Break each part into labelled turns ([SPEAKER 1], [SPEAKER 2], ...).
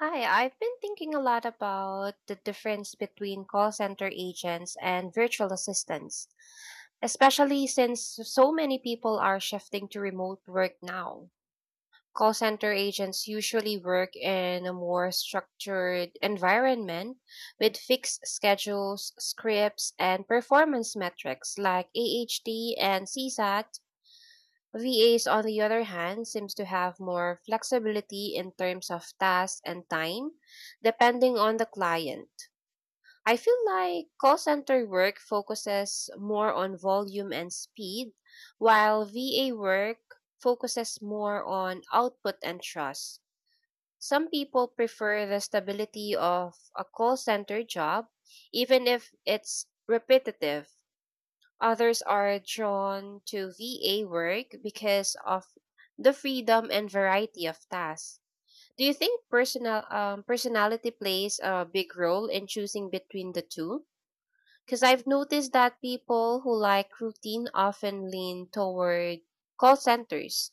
[SPEAKER 1] Hi, I've been thinking a lot about the difference between call center agents and virtual assistants, especially since so many people are shifting to remote work now. Call center agents usually work in a more structured environment with fixed schedules, scripts, and performance metrics like AHT and CSAT. VAs, on the other hand, seems to have more flexibility in terms of tasks and time, depending on the client. I feel like call center work focuses more on volume and speed, while VA work focuses more on output and trust. Some people prefer the stability of a call center job, even if it's repetitive. Others are drawn to VA work because of the freedom and variety of tasks. Do you think personality plays a big role in choosing between the two? Because I've noticed that people who like routine often lean toward call centers.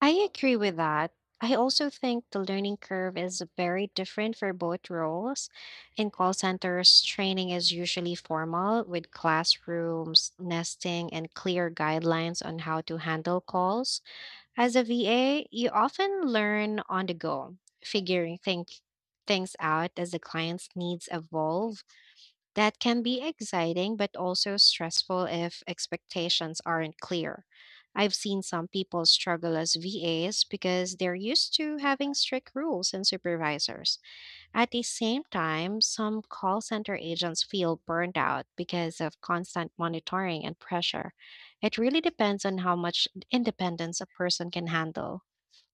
[SPEAKER 2] I agree with that. I also think the learning curve is very different for both roles. In call centers, training is usually formal with classrooms, nesting, and clear guidelines on how to handle calls. As a VA, you often learn on the go, figuring think, things out as the client's needs evolve. That can be exciting, but also stressful if expectations aren't clear. I've seen some people struggle as VAs because they're used to having strict rules and supervisors. At the same time, some call center agents feel burned out because of constant monitoring and pressure. It really depends on how much independence a person can handle.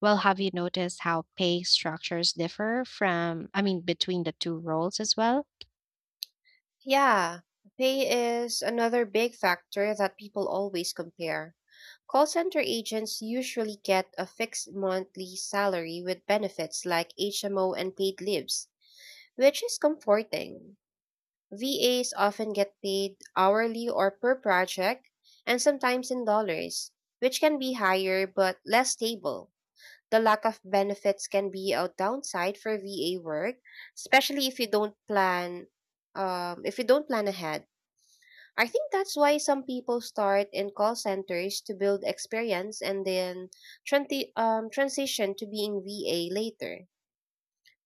[SPEAKER 2] Well, have you noticed how pay structures differ I mean, between the two roles as well?
[SPEAKER 1] Yeah, pay is another big factor that people always compare. Call center agents usually get a fixed monthly salary with benefits like HMO and paid leaves, which is comforting. VAs often get paid hourly or per project, and sometimes in dollars, which can be higher but less stable. The lack of benefits can be a downside for VA work, especially if you don't plan ahead. I think that's why some people start in call centers to build experience and then transition to being VA later.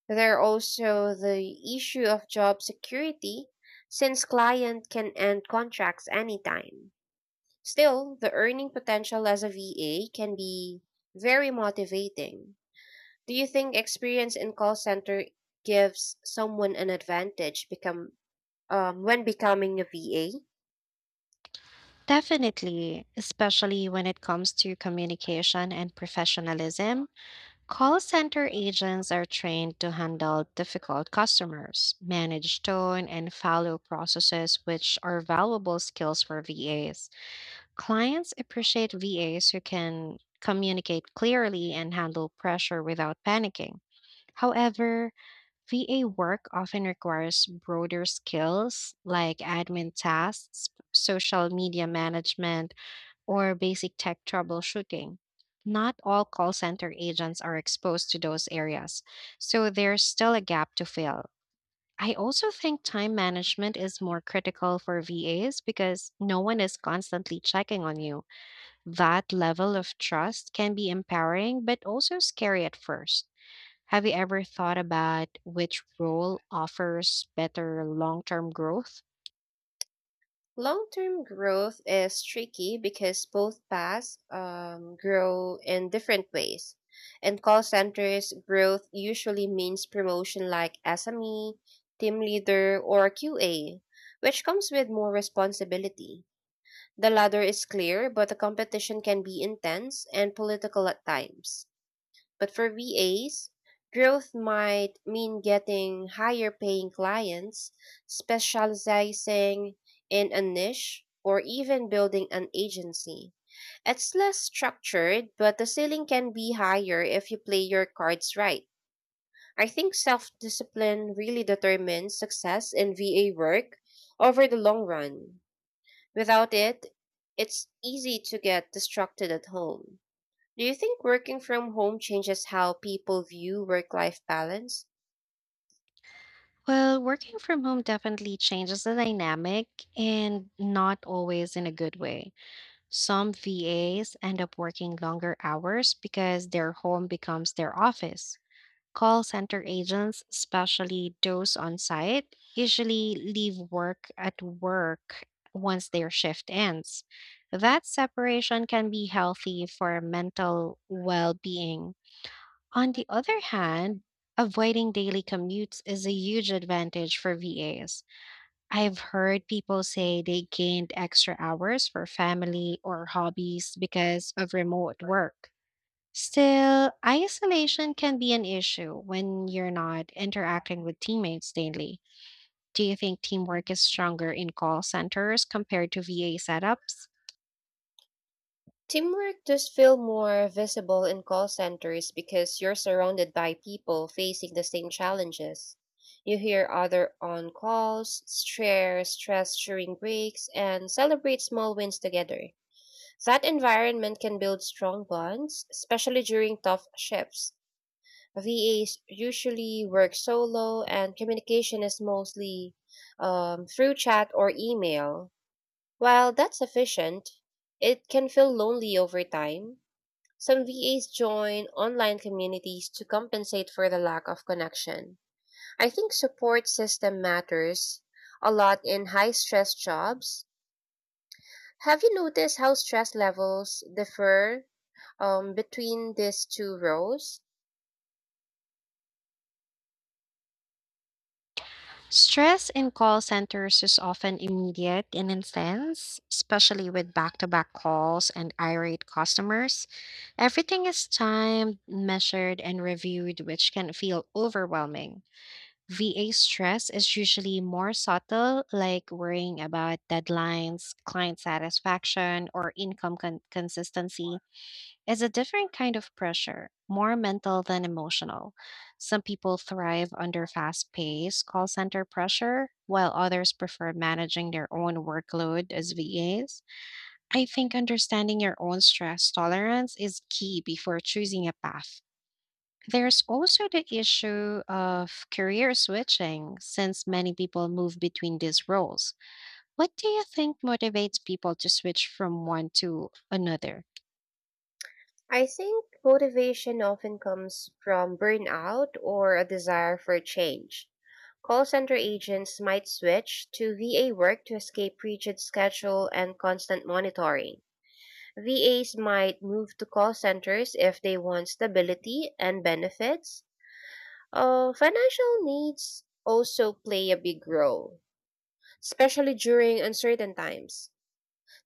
[SPEAKER 1] There are also the issue of job security since client can end contracts anytime. Still, the earning potential as a VA can be very motivating. Do you think experience in call center gives someone an advantage become when becoming a VA?
[SPEAKER 2] Definitely, especially when it comes to communication and professionalism, call center agents are trained to handle difficult customers, manage tone, and follow processes, which are valuable skills for VAs. Clients appreciate VAs who can communicate clearly and handle pressure without panicking. However, VA work often requires broader skills like admin tasks, social media management, or basic tech troubleshooting. Not all call center agents are exposed to those areas, so there's still a gap to fill. I also think time management is more critical for VAs because no one is constantly checking on you. That level of trust can be empowering, but also scary at first. Have you ever thought about which role offers better long term growth?
[SPEAKER 1] Long term growth is tricky because both paths grow in different ways. In call centers, growth usually means promotion like SME, team leader, or QA, which comes with more responsibility. The ladder is clear, but the competition can be intense and political at times. But for VAs, growth might mean getting higher paying clients, specializing in a niche, or even building an agency. It's less structured, but the ceiling can be higher if you play your cards right. I think self discipline really determines success in VA work over the long run. Without it, it's easy to get distracted at home. Do you think working from home changes how people view work life balance?
[SPEAKER 2] Well, working from home definitely changes the dynamic and not always in a good way. Some VAs end up working longer hours because their home becomes their office. Call center agents, especially those on site, usually leave work at work once their shift ends. That separation can be healthy for mental well being. On the other hand, avoiding daily commutes is a huge advantage for VAs. I've heard people say they gained extra hours for family or hobbies because of remote work. Still, isolation can be an issue when you're not interacting with teammates daily. Do you think teamwork is stronger in call centers compared to VA setups?
[SPEAKER 1] Teamwork does feel more visible in call centers because you're surrounded by people facing the same challenges. You hear other on calls, share stress during breaks, and celebrate small wins together. That environment can build strong bonds, especially during tough shifts. VAs usually work solo, and communication is mostly through chat or email. While that's efficient, it can feel lonely over time. Some VAs join online communities to compensate for the lack of connection. I think support system matters a lot in high stress jobs. Have you noticed how stress levels differ between these two roles?
[SPEAKER 2] Stress in call centers is often immediate and intense, especially with back to back calls and irate customers. Everything is timed, measured, and reviewed, which can feel overwhelming. VA stress is usually more subtle, like worrying about deadlines, client satisfaction, or income consistency, it's a different kind of pressure, more mental than emotional. Some people thrive under fast paced call center pressure, while others prefer managing their own workload as VAs. I think understanding your own stress tolerance is key before choosing a path. There's also the issue of career switching, since many people move between these roles. What do you think motivates people to switch from one to another?
[SPEAKER 1] I think motivation often comes from burnout or a desire for change. Call center agents might switch to VA work to escape rigid schedule and constant monitoring. VAs might move to call centers if they want stability and benefits. Financial needs also play a big role, especially during uncertain times.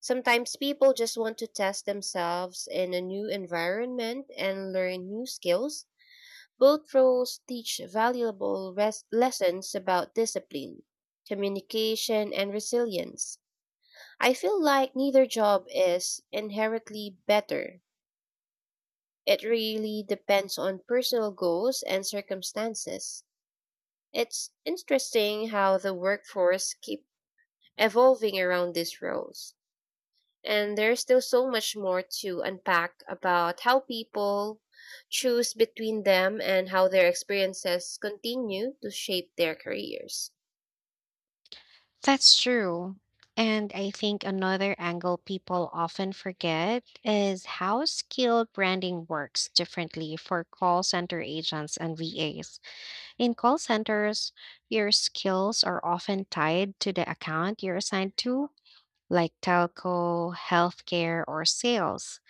[SPEAKER 1] Sometimes people just want to test themselves in a new environment and learn new skills. Both roles teach valuable lessons about discipline, communication, and resilience. I feel like neither job is inherently better. It really depends on personal goals and circumstances. It's interesting how the workforce keeps evolving around these roles. And there's still so much more to unpack about how people choose between them and how their experiences continue to shape their careers.
[SPEAKER 2] That's true. And I think another angle people often forget is how skilled branding works differently for call center agents and VAs. In call centers, your skills are often tied to the account you're assigned to, like telco, healthcare, or sales.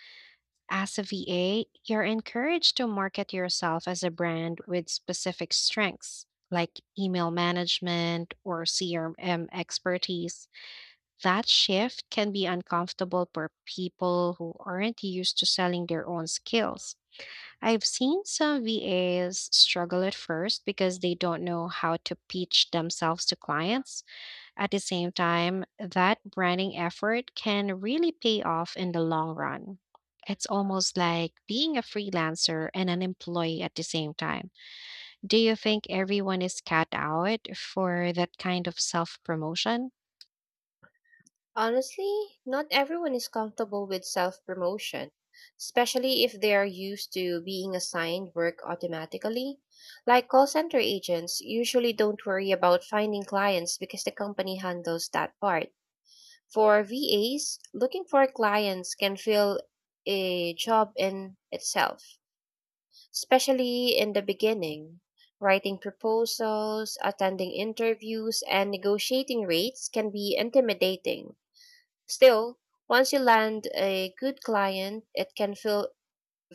[SPEAKER 2] As a VA, you're encouraged to market yourself as a brand with specific strengths, like email management or CRM expertise. That shift can be uncomfortable for people who aren't used to selling their own skills. I've seen some VAs struggle at first because they don't know how to pitch themselves to clients. At the same time, that branding effort can really pay off in the long run. It's almost like being a freelancer and an employee at the same time. Do you think everyone is cut out for that kind of self promotion?
[SPEAKER 1] Honestly, not everyone is comfortable with self promotion, especially if they are used to being assigned work automatically. Like call center agents usually don't worry about finding clients because the company handles that part. For VAs, looking for clients can feel a job in itself, especially in the beginning. Writing proposals, attending interviews, and negotiating rates can be intimidating. Still, once you land a good client, it can feel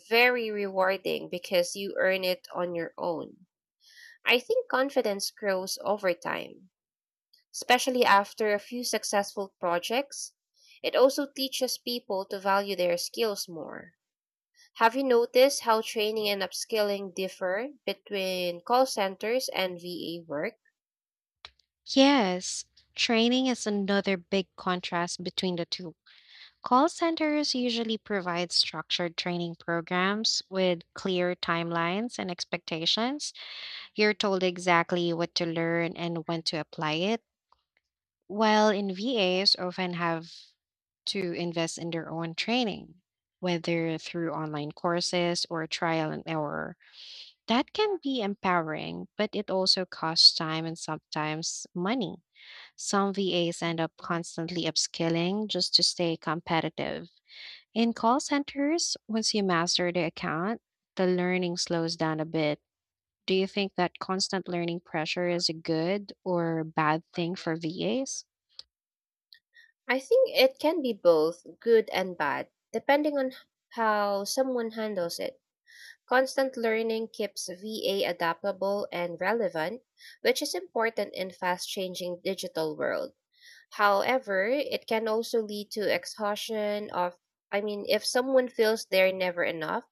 [SPEAKER 1] very rewarding because you earn it on your own. I think confidence grows over time, especially after a few successful projects. It also teaches people to value their skills more. Have you noticed how training and upskilling differ between call centers and VA work?
[SPEAKER 2] Yes, training is another big contrast between the two. Call centers usually provide structured training programs with clear timelines and expectations. You're told exactly what to learn and when to apply it, while in VAs often have to invest in their own training, whether through online courses or trial and error. That can be empowering, but it also costs time and sometimes money. Some VAs end up constantly upskilling just to stay competitive. In call centers, once you master the account, the learning slows down a bit. Do you think that constant learning pressure is a good or bad thing for VAs?
[SPEAKER 1] I think it can be both good and bad, depending on how someone handles it. Constant learning keeps VA adaptable and relevant, which is important in fast changing digital world. However, it can also lead to exhaustion of, I mean, if someone feels they're never enough,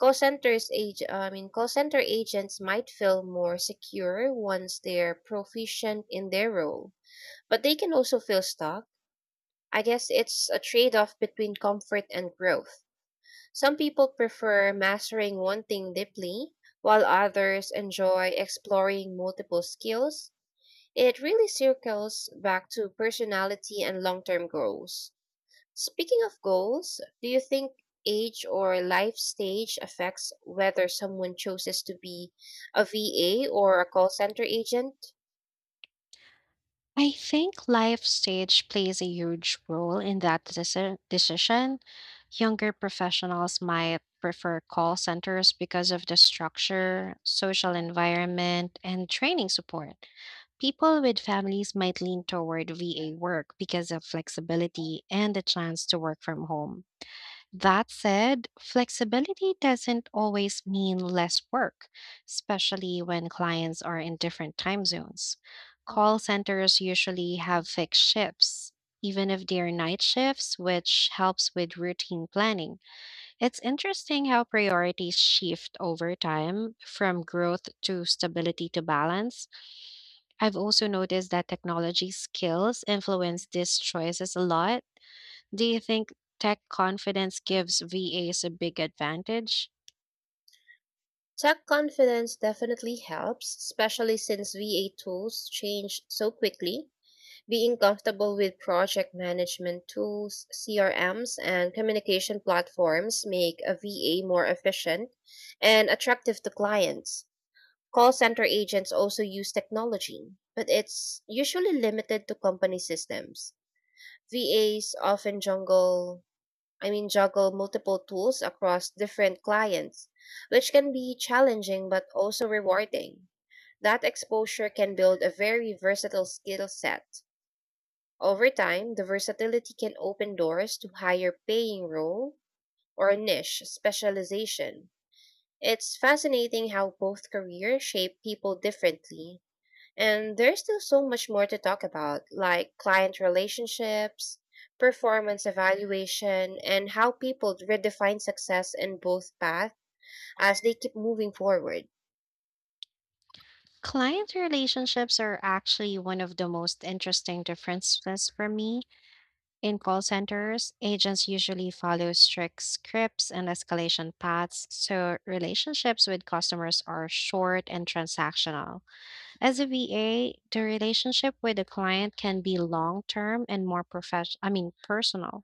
[SPEAKER 1] call centers age I mean call center agents might feel more secure once they're proficient in their role, but they can also feel stuck. I guess it's a trade-off between comfort and growth. Some people prefer mastering one thing deeply, while others enjoy exploring multiple skills. It really circles back to personality and long-term goals. Speaking of goals, do you think age or life stage affects whether someone chooses to be a VA or a call center agent?
[SPEAKER 2] I think life stage plays a huge role in that decision. Younger professionals might prefer call centers because of the structure, social environment, and training support. People with families might lean toward VA work because of flexibility and the chance to work from home. That said, flexibility doesn't always mean less work, especially when clients are in different time zones. Call centers usually have fixed shifts, even if they're night shifts, which helps with routine planning. It's interesting how priorities shift over time from growth to stability to balance. I've also noticed that technology skills influence these choices a lot. Do you think tech confidence gives VAs a big advantage?
[SPEAKER 1] Tech confidence definitely helps, especially since VA tools change so quickly. Being comfortable with project management tools, CRMs, and communication platforms make a VA more efficient and attractive to clients. Call center agents also use technology, but it's usually limited to company systems. VAs often I mean juggle multiple tools across different clients, which can be challenging but also rewarding. That exposure can build a very versatile skill set. Over time, the versatility can open doors to higher paying role or niche specialization. It's fascinating how both careers shape people differently and there's still so much more to talk about, like client relationships, performance evaluation, and how people redefine success in both paths as they keep moving forward.
[SPEAKER 2] Client relationships are actually one of the most interesting differences for me. In call centers, agents usually follow strict scripts and escalation paths, so relationships with customers are short and transactional. As a VA, the relationship with the client can be long term and more professional, I mean, personal.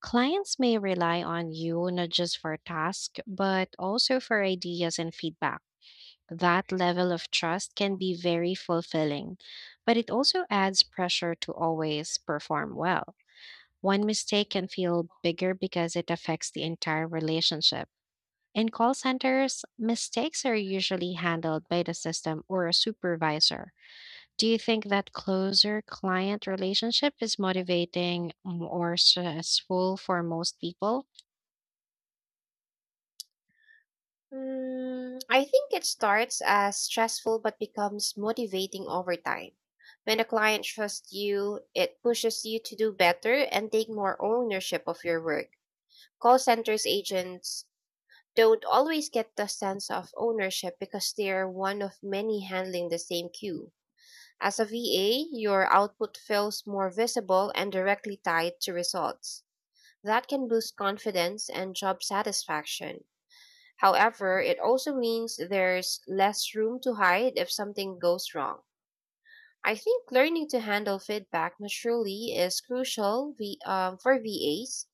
[SPEAKER 2] Clients may rely on you not just for tasks, but also for ideas and feedback. That level of trust can be very fulfilling, but it also adds pressure to always perform well. One mistake can feel bigger because it affects the entire relationship. In call centers, mistakes are usually handled by the system or a supervisor. Do you think that closer client relationship is motivating mm, or stressful for most people?
[SPEAKER 1] Mm, I think it starts as stressful but becomes motivating over time. When a client trusts you, it pushes you to do better and take more ownership of your work. Call centers agents don't always get the sense of ownership because they are one of many handling the same queue. As a VA, your output feels more visible and directly tied to results. That can boost confidence and job satisfaction. However, it also means there's less room to hide if something goes wrong. I think learning to handle feedback maturely is crucial for VAs.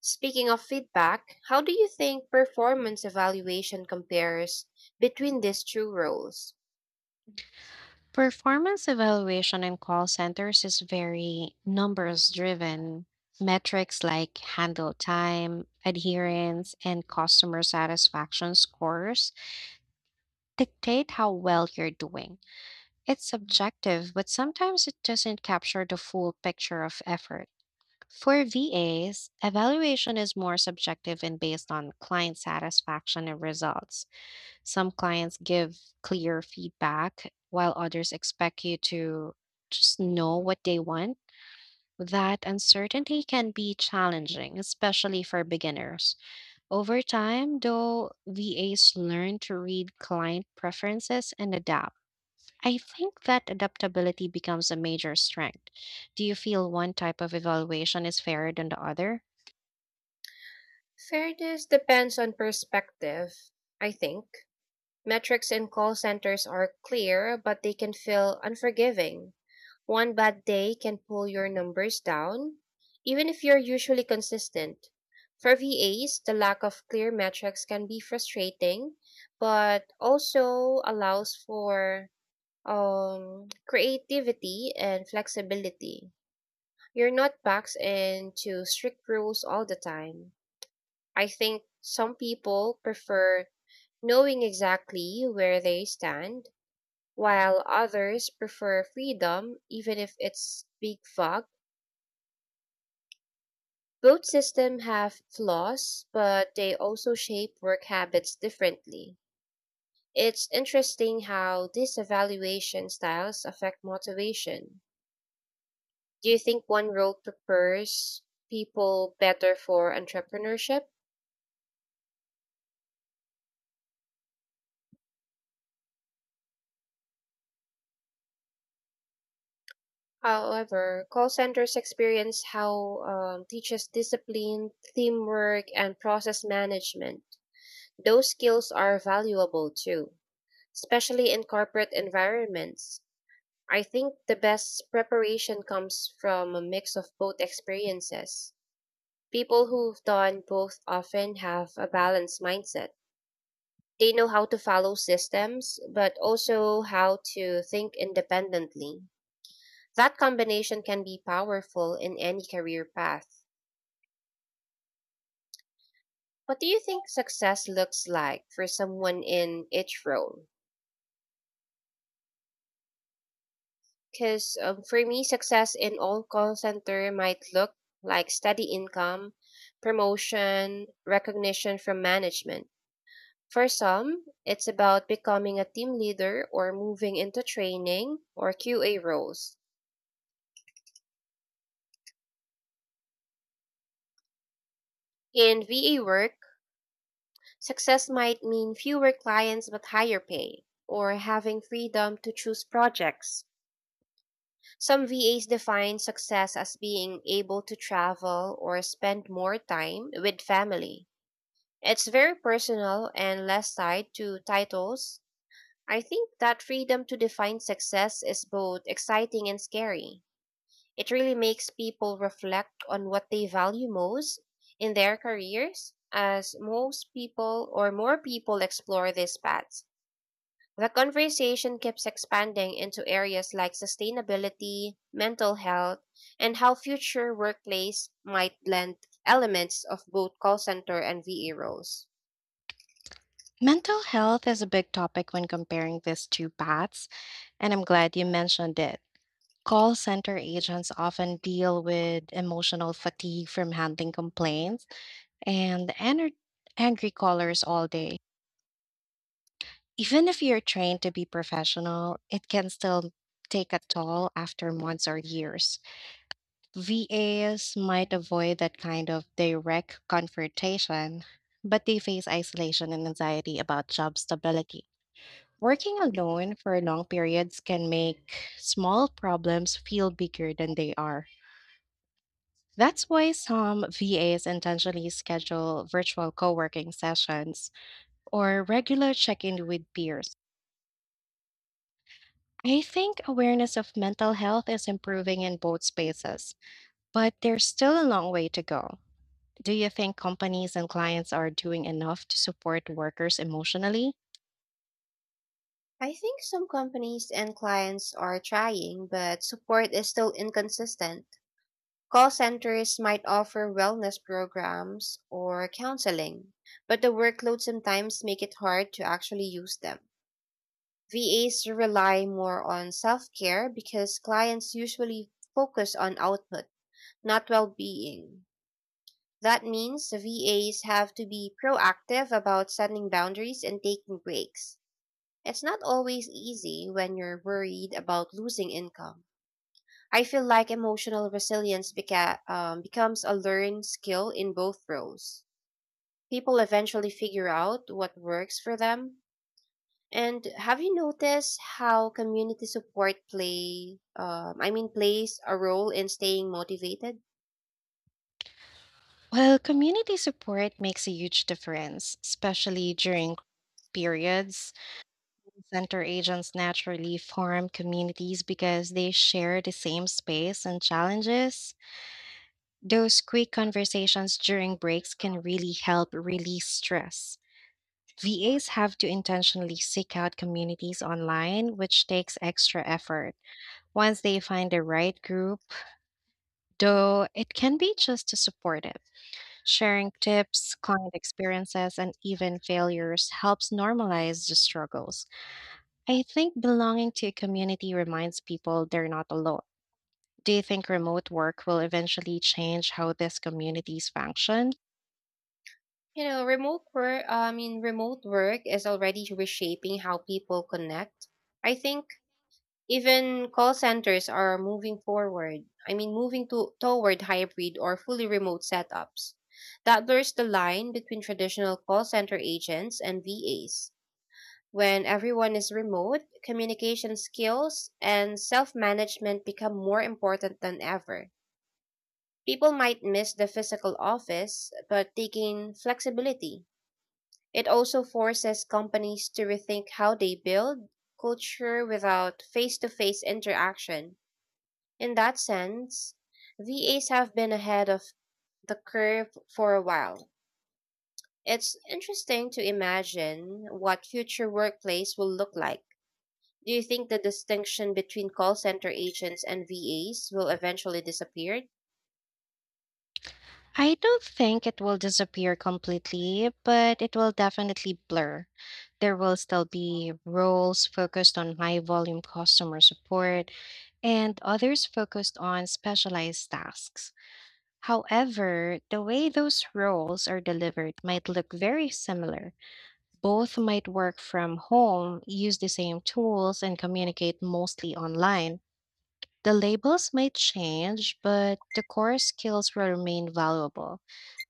[SPEAKER 1] Speaking of feedback, how do you think performance evaluation compares between these two roles?
[SPEAKER 2] Performance evaluation in call centers is very numbers driven. Metrics like handle time, adherence, and customer satisfaction scores dictate how well you're doing. It's subjective, but sometimes it doesn't capture the full picture of effort. For VAs, evaluation is more subjective and based on client satisfaction and results. Some clients give clear feedback, while others expect you to just know what they want. That uncertainty can be challenging, especially for beginners. Over time, though, VAs learn to read client preferences and adapt. I think that adaptability becomes a major strength. Do you feel one type of evaluation is fairer than the other?
[SPEAKER 1] Fairness depends on perspective, I think. Metrics in call centers are clear, but they can feel unforgiving. One bad day can pull your numbers down, even if you're usually consistent. For VAs, the lack of clear metrics can be frustrating, but also allows for creativity and flexibility. You're not boxed into strict rules all the time. I think some people prefer knowing exactly where they stand, while others prefer freedom, even if it's big fog. Both systems have flaws, but they also shape work habits differently. It's interesting how these evaluation styles affect motivation. Do you think one road prepares people better for entrepreneurship? However, call centers experience how teaches discipline, teamwork, and process management. Those skills are valuable too, especially in corporate environments. I think the best preparation comes from a mix of both experiences. People who've done both often have a balanced mindset. They know how to follow systems, but also how to think independently. That combination can be powerful in any career path. What do you think success looks like for someone in each role? Because for me, success in all call center might look like steady income, promotion, recognition from management. For some, it's about becoming a team leader or moving into training or QA roles. In VA work, success might mean fewer clients but higher pay or having freedom to choose projects. Some VAs define success as being able to travel or spend more time with family. It's very personal and less tied to titles. I think that freedom to define success is both exciting and scary. It really makes people reflect on what they value most in their careers as most people or more people explore these paths. The conversation keeps expanding into areas like sustainability, mental health, and how future workplace might blend elements of both call center and VA roles.
[SPEAKER 2] Mental health is a big topic when comparing these two paths, and I'm glad you mentioned it. Call center agents often deal with emotional fatigue from handling complaints and angry callers all day. Even if you're trained to be professional, it can still take a toll after months or years. VAs might avoid that kind of direct confrontation, but they face isolation and anxiety about job stability. Working alone for long periods can make small problems feel bigger than they are. That's why some VAs intentionally schedule virtual co working sessions or regular check in with peers. I think awareness of mental health is improving in both spaces, but there's still a long way to go. Do you think companies and clients are doing enough to support workers emotionally?
[SPEAKER 1] I think some companies and clients are trying, but support is still inconsistent. Call centers might offer wellness programs or counseling, but the workload sometimes make it hard to actually use them. VAs rely more on self-care because clients usually focus on output, not well-being. That means the VAs have to be proactive about setting boundaries and taking breaks. It's not always easy when you're worried about losing income. I feel like emotional resilience becomes a learned skill in both roles. People eventually figure out what works for them. And have you noticed how community support plays a role in staying motivated?
[SPEAKER 2] Well, community support makes a huge difference, especially during periods center agents naturally form communities because they share the same space and challenges. Those quick conversations during breaks can really help release stress. VAs have to intentionally seek out communities online, which takes extra effort. Once they find the right group, though, it can be just as supportive. Sharing tips, client experiences, and even failures helps normalize the struggles. I think belonging to a community reminds people they're not alone. Do you think remote work will eventually change how these communities function?
[SPEAKER 1] Remote work, remote work is already reshaping how people connect. I think even call centers are moving forward. Moving to toward hybrid or fully remote setups. That blurs the line between traditional call center agents and VAs. When everyone is remote, communication skills and self-management become more important than ever. People might miss the physical office, but they gain flexibility. It also forces companies to rethink how they build culture without face-to-face interaction. In that sense, VAs have been ahead of the curve for a while. It's interesting to imagine what future workplace will look like. Do you think the distinction between call center agents and VAs will eventually disappear?
[SPEAKER 2] I don't think it will disappear completely, but it will definitely blur. There will still be roles focused on high volume customer support and others focused on specialized tasks. However, the way those roles are delivered might look very similar. Both might work from home, use the same tools, and communicate mostly online. The labels might change, but the core skills will remain valuable.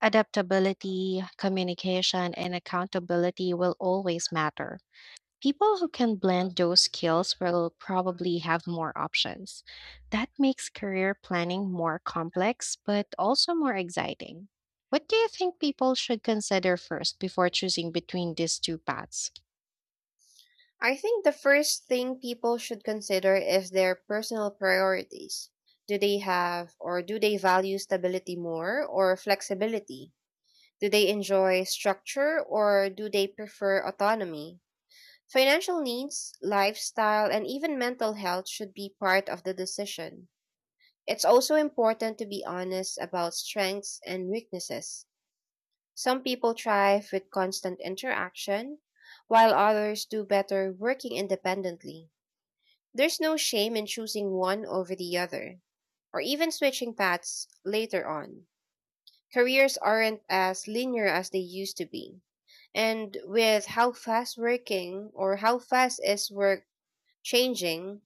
[SPEAKER 2] Adaptability, communication, and accountability will always matter. People who can blend those skills will probably have more options. That makes career planning more complex, but also more exciting. What do you think people should consider first before choosing between these two paths?
[SPEAKER 1] I think the first thing people should consider is their personal priorities. Do they value stability more or flexibility? Do they enjoy structure or do they prefer autonomy? Financial needs, lifestyle, and even mental health should be part of the decision. It's also important to be honest about strengths and weaknesses. Some people thrive with constant interaction, while others do better working independently. There's no shame in choosing one over the other, or even switching paths later on. Careers aren't as linear as they used to be. And with how fast is work changing,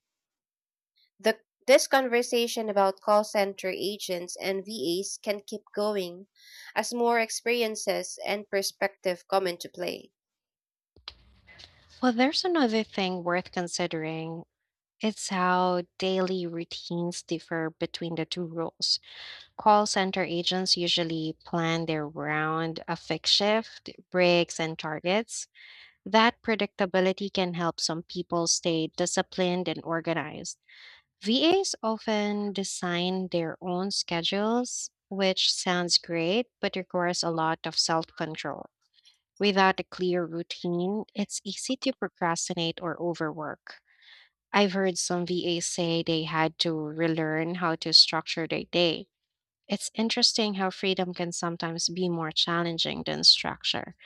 [SPEAKER 1] The, this conversation about call center agents and VAs can keep going as more experiences and perspective come into play.
[SPEAKER 2] Well, there's another thing worth considering. It's how daily routines differ between the two roles. Call center agents usually plan their round of fixed shift, breaks, and targets. That predictability can help some people stay disciplined and organized. VAs often design their own schedules, which sounds great, but requires a lot of self control. Without a clear routine, it's easy to procrastinate or overwork. I've heard some VAs say they had to relearn how to structure their day. It's interesting how freedom can sometimes be more challenging than structure.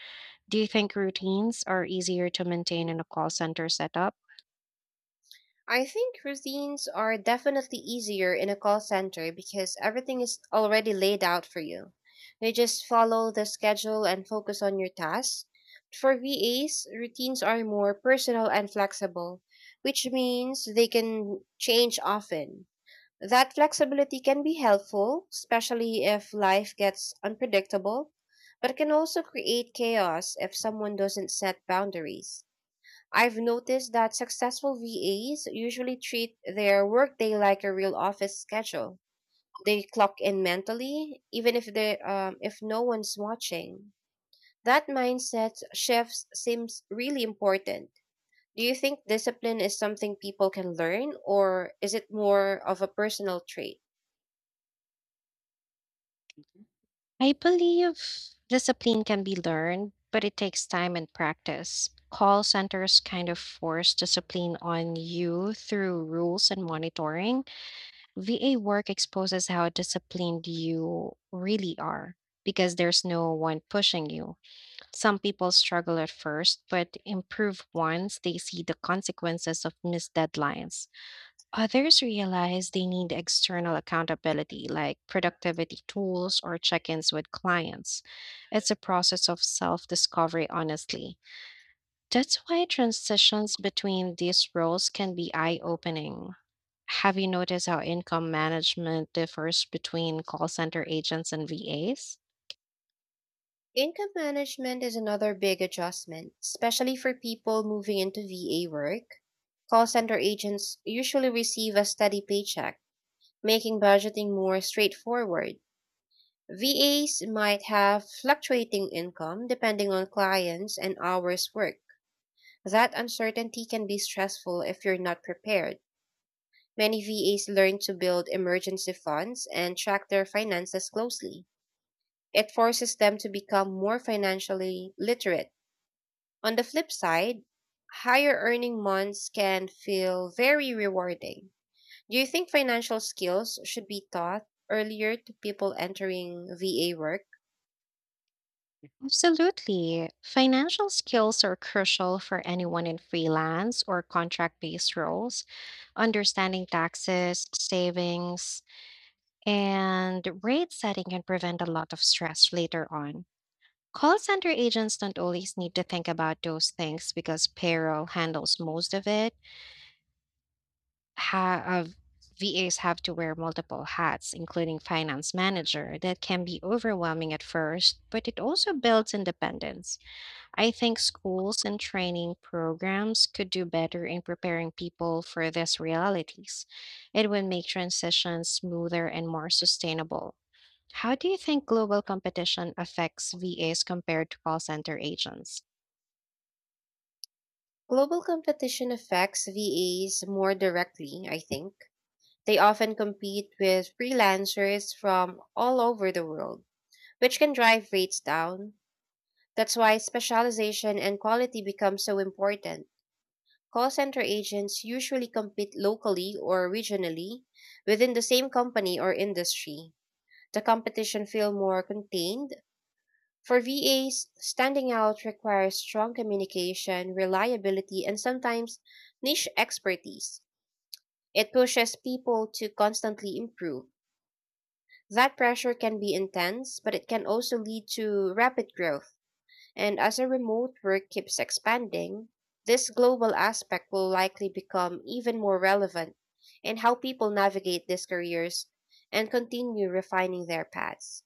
[SPEAKER 2] Do you think routines are easier to maintain in a call center setup?
[SPEAKER 1] I think routines are definitely easier in a call center because everything is already laid out for you. You just follow the schedule and focus on your tasks. For VAs, routines are more personal and flexible, which means they can change often. That flexibility can be helpful, especially if life gets unpredictable, but it can also create chaos if someone doesn't set boundaries. I've noticed that successful VAs usually treat their workday like a real office schedule. They clock in mentally, even if no one's watching. That mindset shift seems really important. Do you think discipline is something people can learn, or is it more of a personal trait?
[SPEAKER 2] I believe discipline can be learned, but it takes time and practice. Call centers kind of force discipline on you through rules and monitoring. VA work exposes how disciplined you really are because there's no one pushing you. Some people struggle at first, but improve once they see the consequences of missed deadlines. Others realize they need external accountability, like productivity tools or check ins with clients. It's a process of self discovery, honestly. That's why transitions between these roles can be eye-opening. Have you noticed how income management differs between call center agents and VAs?
[SPEAKER 1] Income management is another big adjustment, especially for people moving into VA work. Call center agents usually receive a steady paycheck, making budgeting more straightforward. VAs might have fluctuating income depending on clients and hours worked. That uncertainty can be stressful if you're not prepared. Many VAs learn to build emergency funds and track their finances closely. It forces them to become more financially literate. On the flip side, higher earning months can feel very rewarding. Do you think financial skills should be taught earlier to people entering VA work?
[SPEAKER 2] Absolutely. Financial skills are crucial for anyone in freelance or contract based roles. Understanding taxes, savings, and rate setting can prevent a lot of stress later on. Call center agents don't always need to think about those things because payroll handles most of it, ha- uh, VAs have to wear multiple hats, including finance manager. That can be overwhelming at first, but it also builds independence. I think schools and training programs could do better in preparing people for these realities. It would make transitions smoother and more sustainable. How do you think global competition affects VAs compared to call center agents?
[SPEAKER 1] Global competition affects VAs more directly, I think. They often compete with freelancers from all over the world, which can drive rates down. That's why specialization and quality become so important. Call center agents usually compete locally or regionally within the same company or industry. The competition feel more contained. For VAs, standing out requires strong communication, reliability, and sometimes niche expertise. It pushes people to constantly improve. That pressure can be intense, but it can also lead to rapid growth. And as a remote work keeps expanding, this global aspect will likely become even more relevant in how people navigate these careers and continue refining their paths.